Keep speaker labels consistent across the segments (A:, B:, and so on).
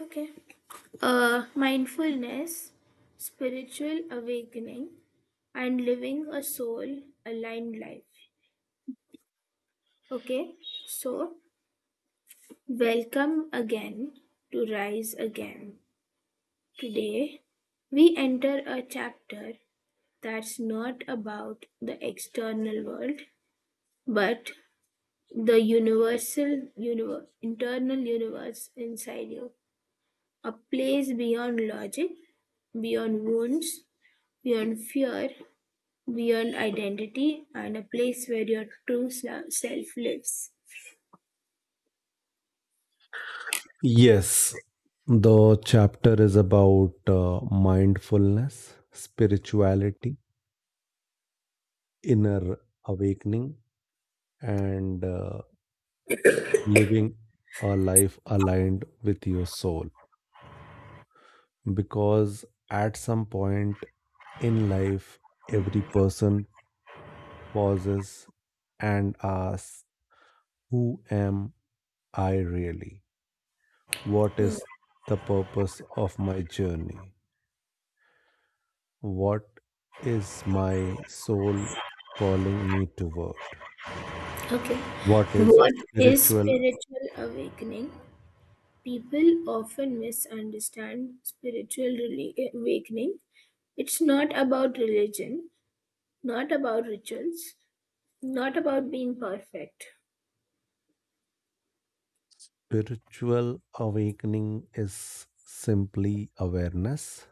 A: Okay. Mindfulness, spiritual awakening, and living a soul aligned life. Okay. So, welcome again to Rise Again. Today, we enter a chapter that's not about the external world, but the internal universe inside you, a place beyond logic, beyond wounds, beyond fear, beyond identity, and a place where your true self lives.
B: Yes, the chapter is about mindfulness, spirituality, inner awakening, and living a life aligned with your soul. Because at some point in life, every person pauses and asks, who am I really? What
A: Hmm.
B: is the purpose of my journey? What is my soul calling me toward?
A: Okay.
B: What is
A: What is
B: spiritual?
A: spiritual awakening? People often misunderstand spiritual awakening. It's not about religion, not about rituals, not about being perfect.
B: Spiritual awakening is simply awareness,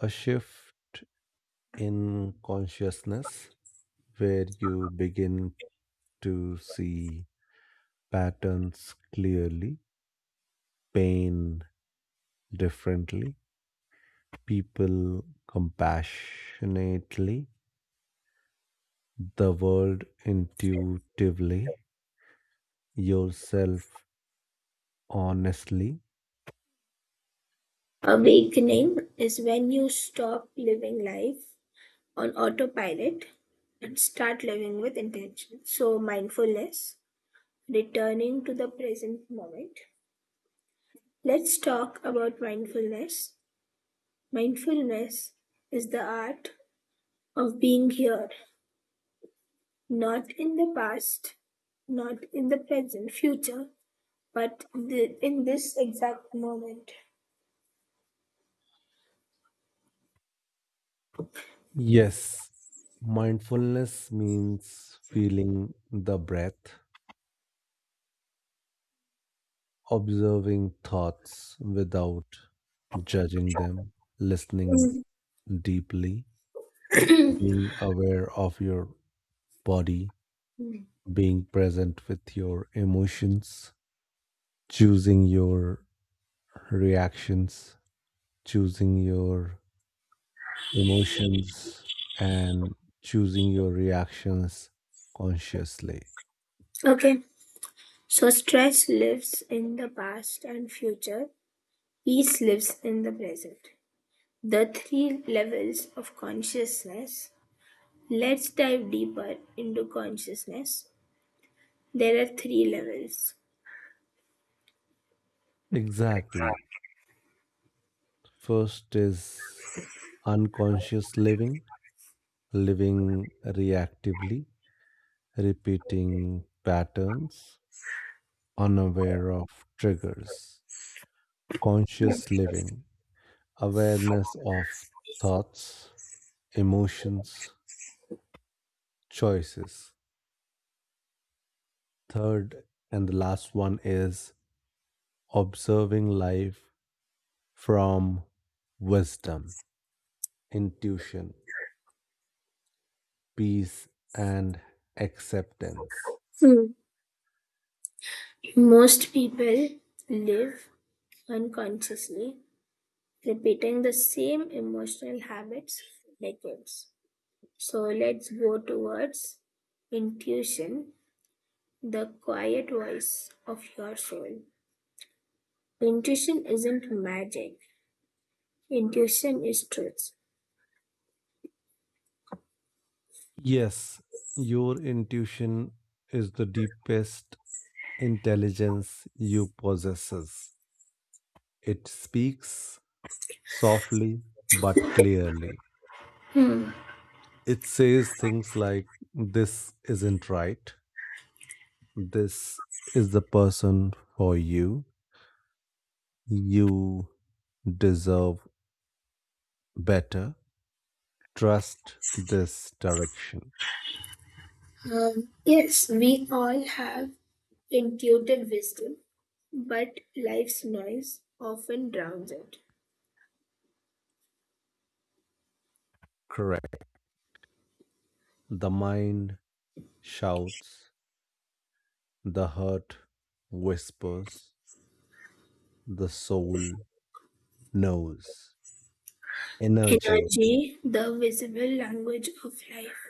B: a shift in consciousness where you begin to see patterns clearly, pain differently, people compassionately, the world intuitively, yourself honestly.
A: Awakening is when you stop living life on autopilot and start living with intention. So, mindfulness, returning to the present moment, let's talk about mindfulness. Mindfulness is the art of being here, not in the past, not in the present future, but in this exact moment.
B: Yes, mindfulness means feeling the breath, observing thoughts without judging them, listening deeply, being aware of your body, being present with your emotions, choosing your reactions, choosing your emotions, and choosing your reactions consciously.
A: Okay, so stress lives in the past and future, peace lives in the present. The three levels of consciousness. Let's dive deeper into consciousness. There are three levels.
B: Exactly. First is unconscious living, living reactively, repeating patterns, unaware of triggers. Conscious living, awareness of thoughts, emotions, choices. Third and the last one is observing life from wisdom, intuition, peace, and acceptance.
A: Hmm. Most people live unconsciously, repeating the same emotional habits for decades. So let's go towards intuition, the quiet voice of your soul. Intuition isn't magic, intuition is truth.
B: Yes, your intuition is the deepest intelligence you possess. It speaks softly but clearly.
A: Hmm.
B: It says things like, this isn't right. This is the person for you. You deserve better. Trust this direction.
A: Yes, we all have intuitive wisdom, but life's noise often drowns it.
B: Correct. The mind shouts, the heart whispers, the soul knows. Energy.
A: Energy, the visible language of life.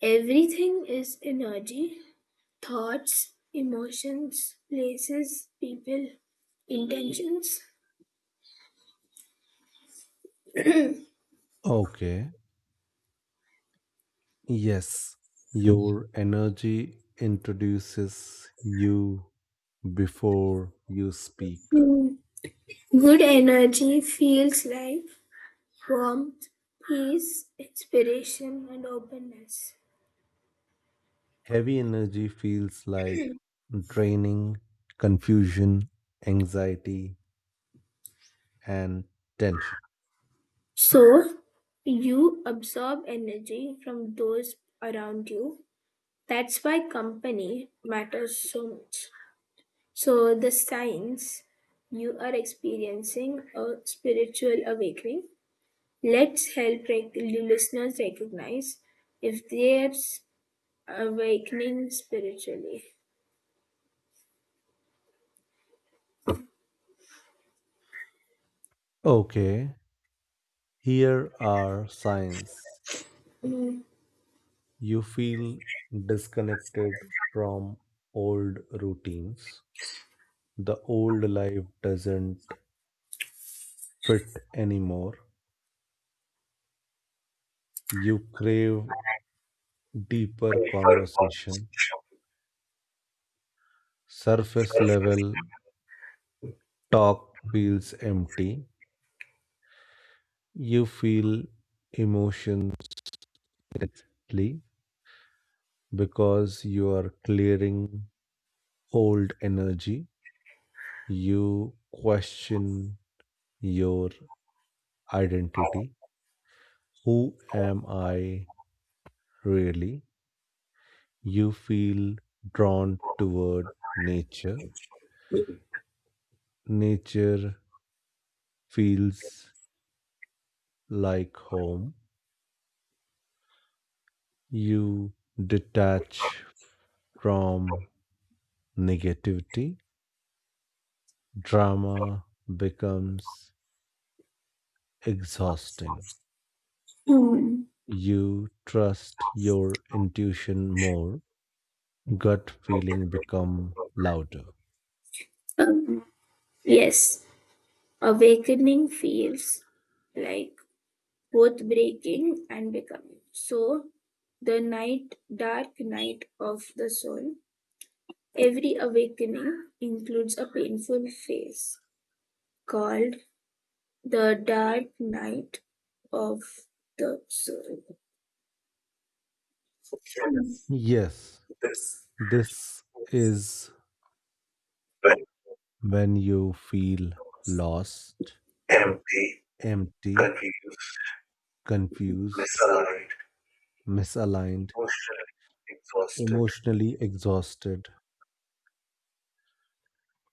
A: Everything is energy, thoughts, emotions, places, people, intentions.
B: Okay. Yes. Your energy introduces you before you speak.
A: Hmm. Good energy feels like warmth, peace, inspiration, and openness.
B: Heavy energy feels like draining, confusion, anxiety, and tension.
A: So, you absorb energy from those around you. That's why company matters so much. So, the signs you are experiencing a spiritual awakening. Let's help the listeners recognize if they're awakening spiritually.
B: Okay. Here are signs. You feel disconnected from old routines. The old life doesn't fit anymore. You crave deeper conversation. Surface level talk feels empty. You feel emotions directly because you are clearing old energy. You question your identity. Who am I really? You feel drawn toward nature. Nature feels like home. You detach from negativity. Drama becomes exhausting.
A: Hmm.
B: You trust your intuition more. Gut feeling become louder.
A: Um, yes, awakening feels like both breaking and becoming. So, dark night of the soul, every awakening includes a painful phase called the dark night of the soul.
B: Yes,
A: This
B: this is
A: when
B: when you feel lost,
A: empty,
B: empty,
A: confused,
B: confused,
A: misaligned,
B: misaligned,
A: emotionally exhausted,
B: emotionally exhausted,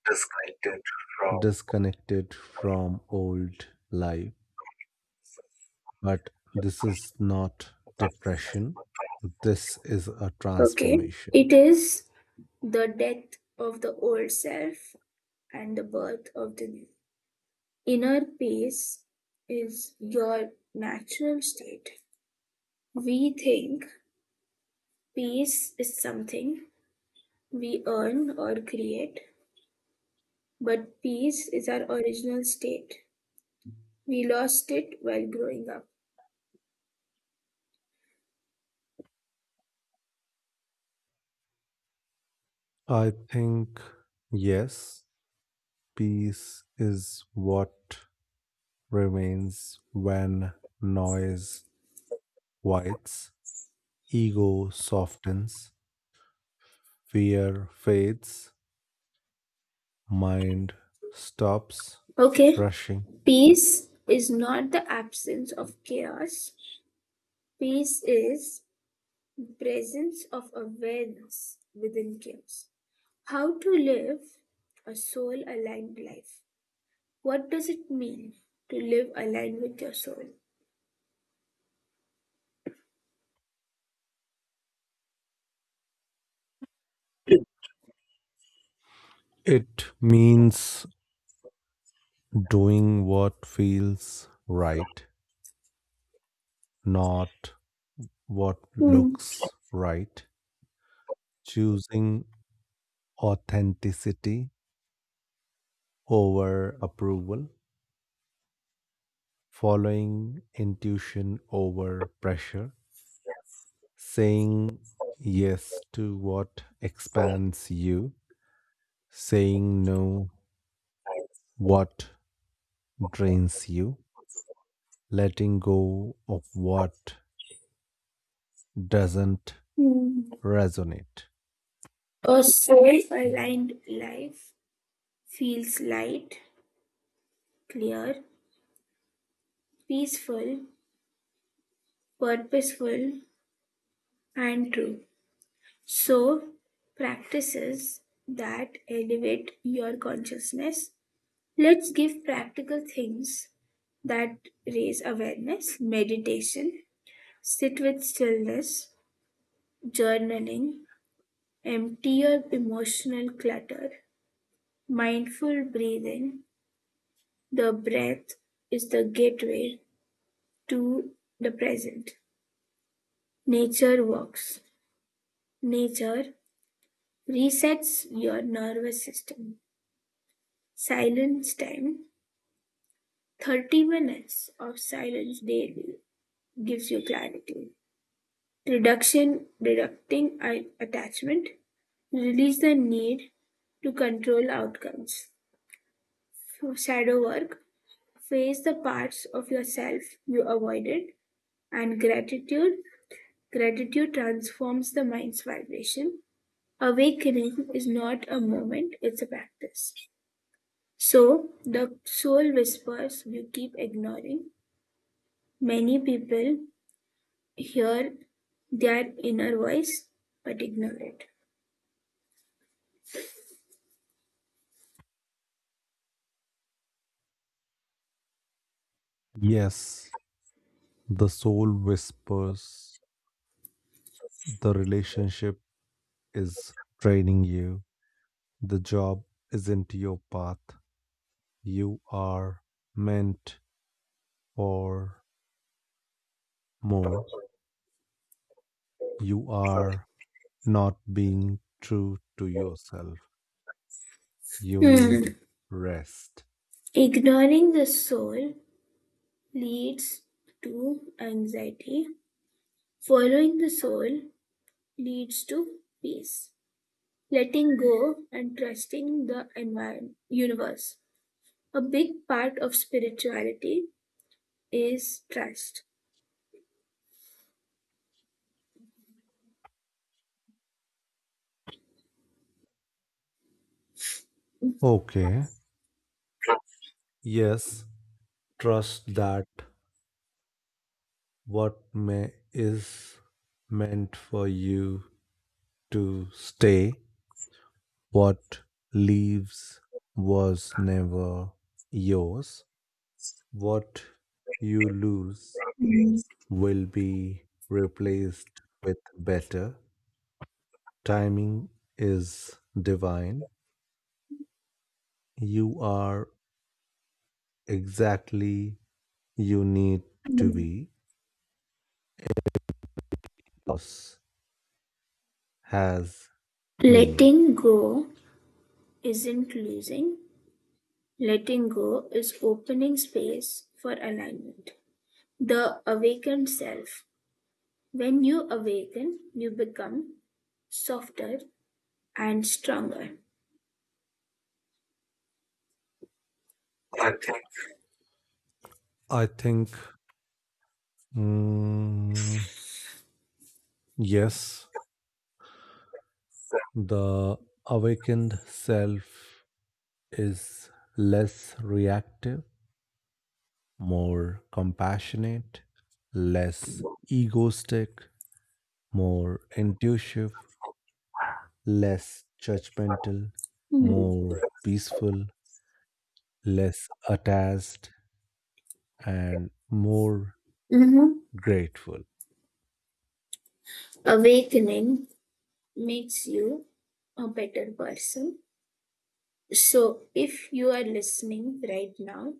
A: disconnected from.
B: disconnected from old life. But this is not depression, this is a
A: Okay,
B: transformation.
A: it is the death of the old self and the birth of the new. Inner peace is your natural state. We think peace is something we earn or create, but peace is our original state. We lost it while growing up.
B: I think, yes, peace is what remains when noise whites, ego softens, fear fades, mind stops
A: Okay,
B: rushing.
A: peace is not the absence of chaos, peace is presence of awareness within chaos. How to live a soul aligned life. What does it mean to live aligned with your soul?
B: It means doing what feels right, not what
A: Hmm.
B: looks right, choosing authenticity over approval, following intuition over pressure, saying yes to what expands you, saying no what drains you, letting go of what doesn't
A: Hmm.
B: resonate.
A: A soul aligned life feels light, clear, peaceful, purposeful, and true. So, practices that elevate your consciousness. Let's give practical things that raise awareness, meditation, sit with stillness, journaling, empty your emotional clutter, mindful breathing. The breath is the gateway to the present. Nature walks. Nature resets your nervous system. Silence time, 30 minutes of silence daily gives you clarity. Reduction, reducting attachment, release the need to control outcomes. Through shadow work, face the parts of yourself you avoided, and gratitude. Gratitude transforms the mind's vibration. Awakening is not a moment, it's a practice. So, the soul whispers you keep ignoring. Many people hear their inner voice but ignore it.
B: Yes, the soul whispers the relationship is draining you, the job isn't your path, you are meant for more, you are not being true to yourself. You need
A: Hmm.
B: rest.
A: Ignoring the soul leads to anxiety. Following the soul leads to peace, letting go, and trusting the environment, universe. A big part of spirituality is trust.
B: Okay. Yes, trust that what may is meant for you to stay, what leaves was never yours, what you lose will be replaced with better. Timing is divine. You are exactly you need to be. Yes. Has meaning.
A: Letting go isn't losing, letting go is opening space for alignment. The awakened self. When you awaken, you become softer and stronger.
B: I think, mm, yes, the awakened self is less reactive, more compassionate, less egoistic, more intuitive, less judgmental,
A: Mhm.
B: more peaceful, less attached, and more
A: Mhm.
B: grateful.
A: Awakening makes you a better person. So, if you are listening right now,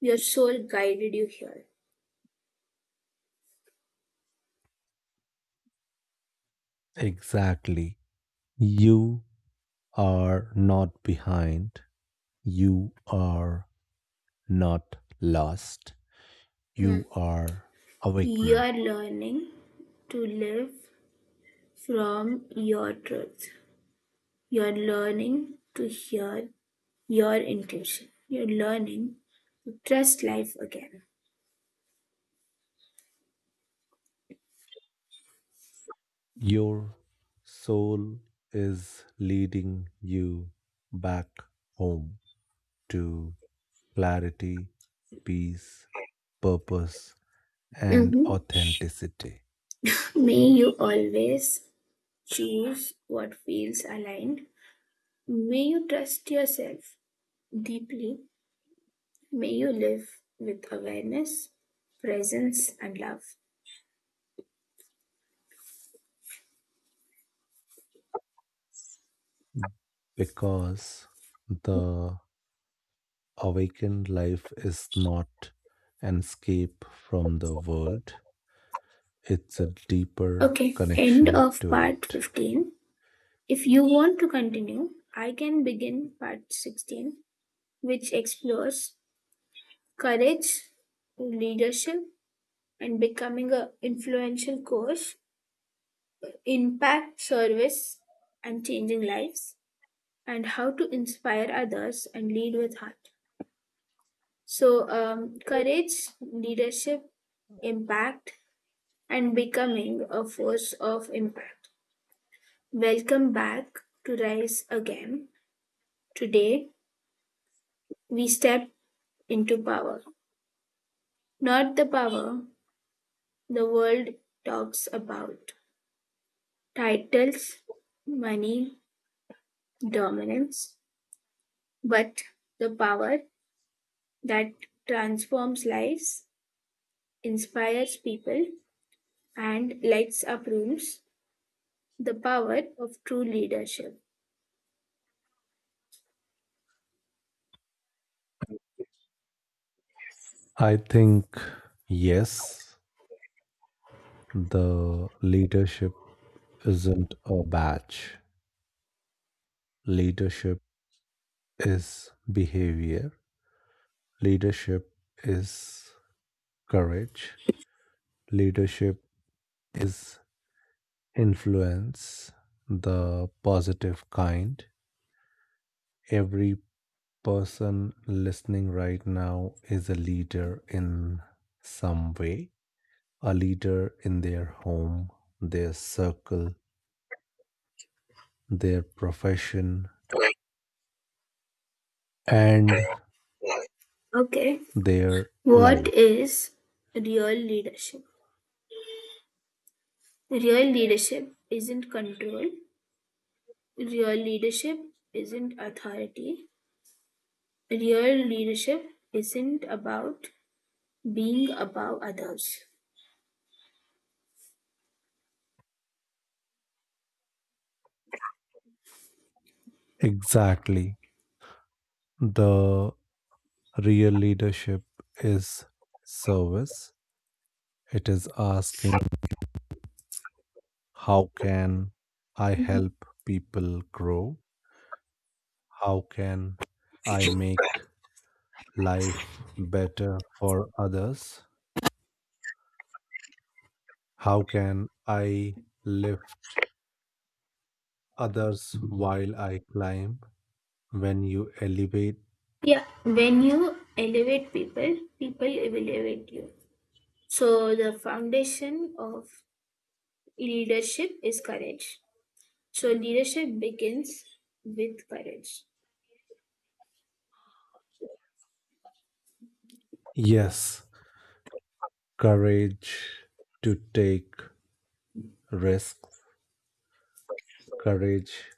A: your soul guided you here.
B: Exactly. You are not behind. You are not lost. You are
A: You
B: awakening.
A: are learning to live from your truth. You are learning to hear your intuition. You're learning to trust life again.
B: Your soul is leading you back home to clarity, peace, purpose, and
A: Hmm.
B: authenticity.
A: May you always choose what feels aligned. May you trust yourself deeply. May you live with awareness, presence, and love.
B: Because the awakened life is not an escape from the world, it's a deeper
A: Okay, end
B: connection
A: of
B: to
A: part
B: it.
A: 15. If you want to continue, I can begin part 16, which explores courage, leadership, and becoming an influential coach, impact, service, and changing lives, and how to inspire others and lead with heart. So, courage, leadership, impact, and becoming a force of impact. Welcome back to Rise Again. Today, we step into power. Not the power the world talks about, titles, money, dominance, but the power that transforms lives, inspires people, and lights up rooms. The power of true leadership.
B: I think, yes, the leadership isn't a badge. Leadership is behavior. Leadership is courage. Leadership is influence, the positive kind. Every person listening right now is a leader in some way, a leader in their home, their circle, their profession, and
A: Okay.
B: their
A: What
B: life.
A: is real leadership? Real leadership isn't control. Real leadership isn't authority. Real leadership isn't about being above others.
B: Exactly. The real leadership is service, it is asking, how can I
A: Mhm.
B: help people grow? How can I make life better for others? How can I lift others while I climb? When you elevate,
A: Yeah, when you elevate people, people will elevate you. So, the foundation of leadership is courage. So, leadership begins with courage.
B: yes, courage to take risks, courage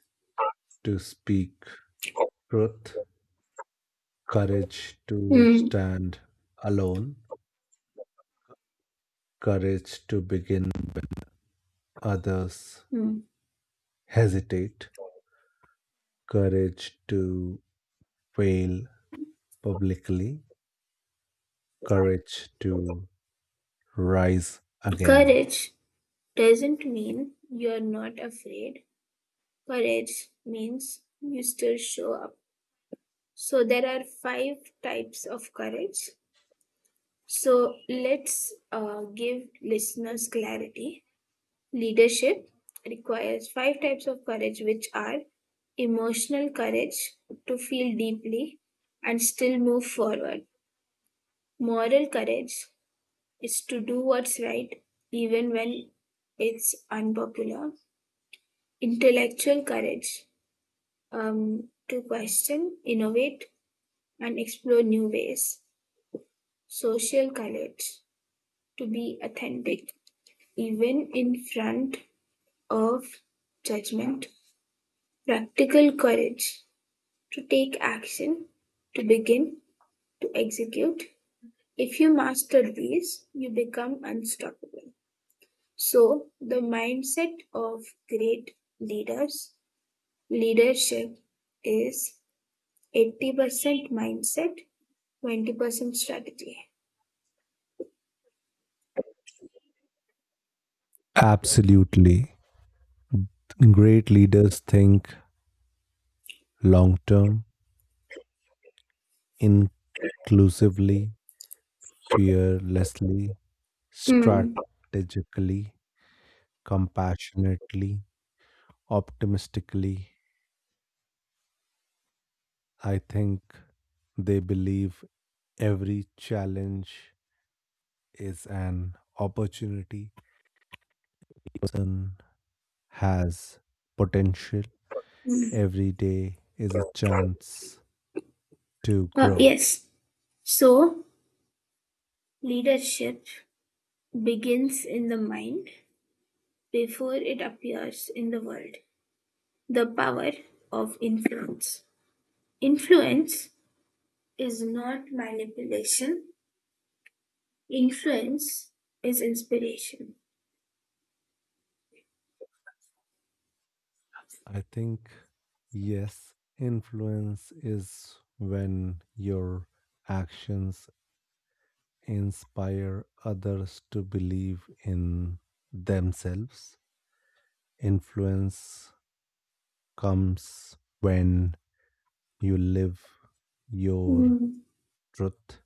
B: to speak truth, courage to
A: Hmm.
B: stand alone, courage to begin others
A: Hmm.
B: hesitate, courage to fail publicly, courage to rise again.
A: Courage doesn't mean you're not afraid. Courage means you still show up. So there are five types of courage. So let's give listeners clarity. Leadership requires five types of courage, which are emotional courage to feel deeply and still move forward. Moral courage is to do what's right even when it's unpopular. Intellectual courage, to question, innovate, and explore new ways. Social courage to be authentic, even in front of judgment. Practical courage to take action, to begin, to execute. If you master these, you become unstoppable. So, the mindset of great leaders, leadership is 80% mindset, 20% strategy.
B: Absolutely. Great leaders think long term, inclusively, fearlessly,
A: Mm.
B: strategically, compassionately, optimistically, I think they believe every challenge is an opportunity. Person has potential.
A: Mm.
B: Every day is a chance to grow.
A: Yes. So, leadership begins in the mind before it appears in the world. The power of influence. Influence is not manipulation, influence is inspiration.
B: I think, yes, influence is when your actions inspire others to believe in themselves. Influence comes when you live your
A: Mm.
B: truth.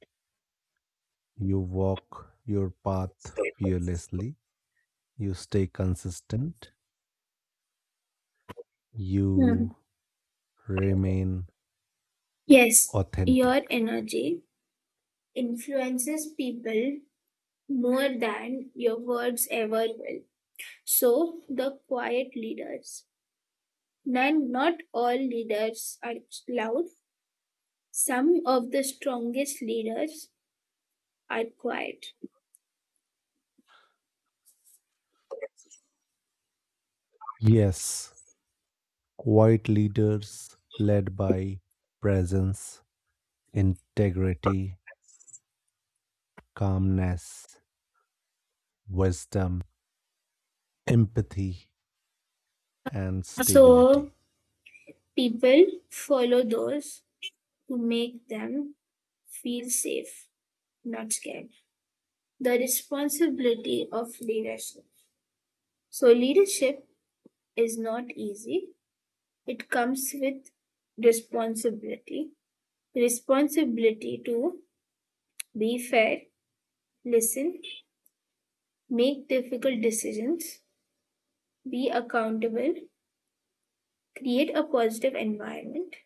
B: You walk your path fearlessly. You stay consistent.
A: Hmm.
B: You remain
A: Yes,
B: authentic.
A: your energy influences people more than your words ever will. So, the quiet leaders. None, Not all leaders are loud. Some of the strongest leaders are quiet.
B: Yes, quiet leaders led by presence, integrity, calmness, wisdom, empathy, and
A: So,
B: stability.
A: people follow those who make them feel safe, not scared. The responsibility of leadership. So, leadership is not easy, it comes with responsibility. Responsibility to be fair, listen, make difficult decisions, be accountable, create a positive environment,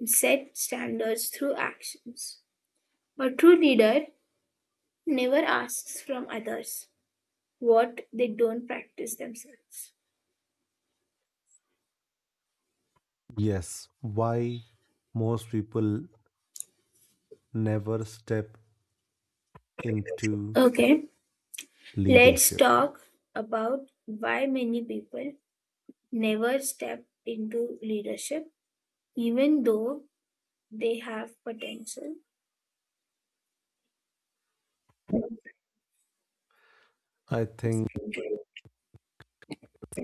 A: and set standards through actions. A true leader never asks from others what they don't practice themselves.
B: Yes, why most people never step into
A: Okay, let's
B: leadership?
A: talk about why many people never step into leadership even though they have potential.
B: I think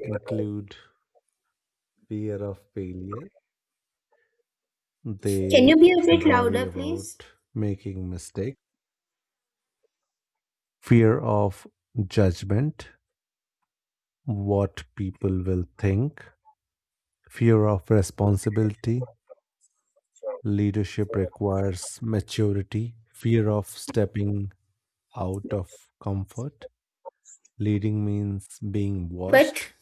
B: include fear of failure.
A: Can you
B: They
A: be a bit
B: worry
A: louder, please?
B: about making mistakes, fear of judgment, what people will think, fear of responsibility. Leadership requires maturity, fear of stepping out of comfort. Leading means being watched.
A: But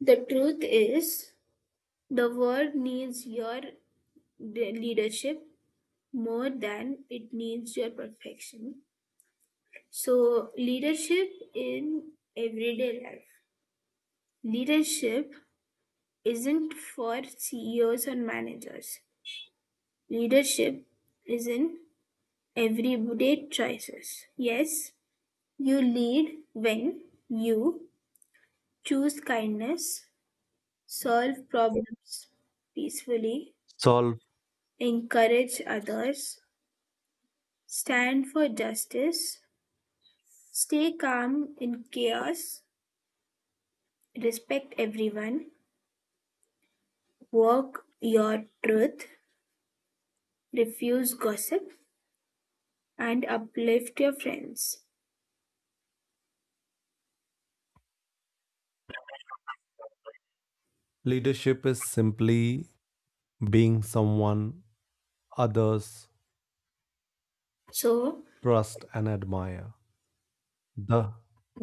A: the truth is, the world needs your leadership more than it needs your perfection. So, leadership in everyday life. Leadership isn't for CEOs or managers. Leadership is in everyday choices. Yes, you lead when you choose kindness, solve problems peacefully,
B: Solve
A: encourage others, stand for justice, stay calm in chaos, respect everyone, walk your truth, refuse gossip, and uplift your friends.
B: leadership is simply being someone others
A: So,
B: trust and admire. The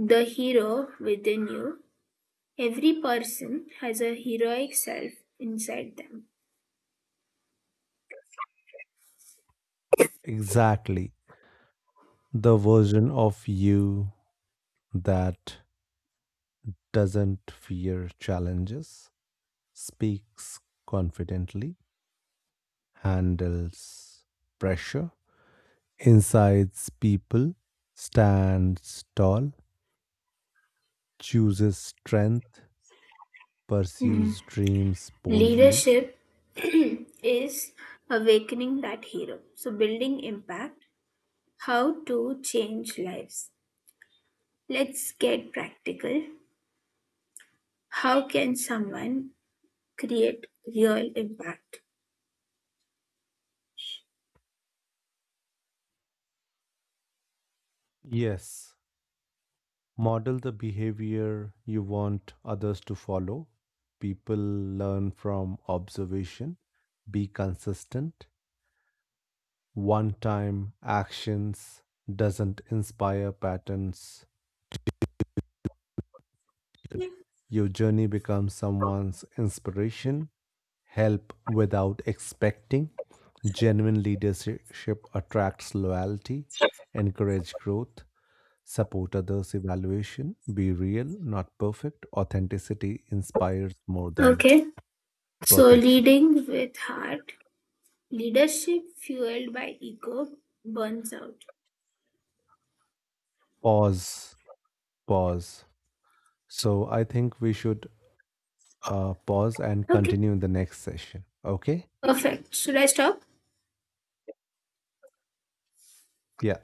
A: the hero within you, every person has a heroic self inside them.
B: exactly the version of you that doesn't fear challenges, speaks confidently, handles pressure, incites people, stands tall, chooses strength, pursues dreams boldly.
A: Leadership is awakening that hero. So, building impact, how to change lives. Let's get practical. How can someone create real impact?
B: Yes, model the behavior you want others to follow. People learn from observation. Be consistent one time actions doesn't inspire patterns. Your journey becomes someone's inspiration. Help without expecting. Genuine leadership attracts loyalty. Encourage growth. Support others' evaluation. Be real, not perfect. Authenticity inspires more than
A: Okay, so
B: perfection.
A: leading with heart, leadership fueled by ego burns out.
B: Pause. Pause. So I think we should pause and
A: Okay,
B: continue in the next session. Okay?
A: perfect. Should I stop?
B: Yeah.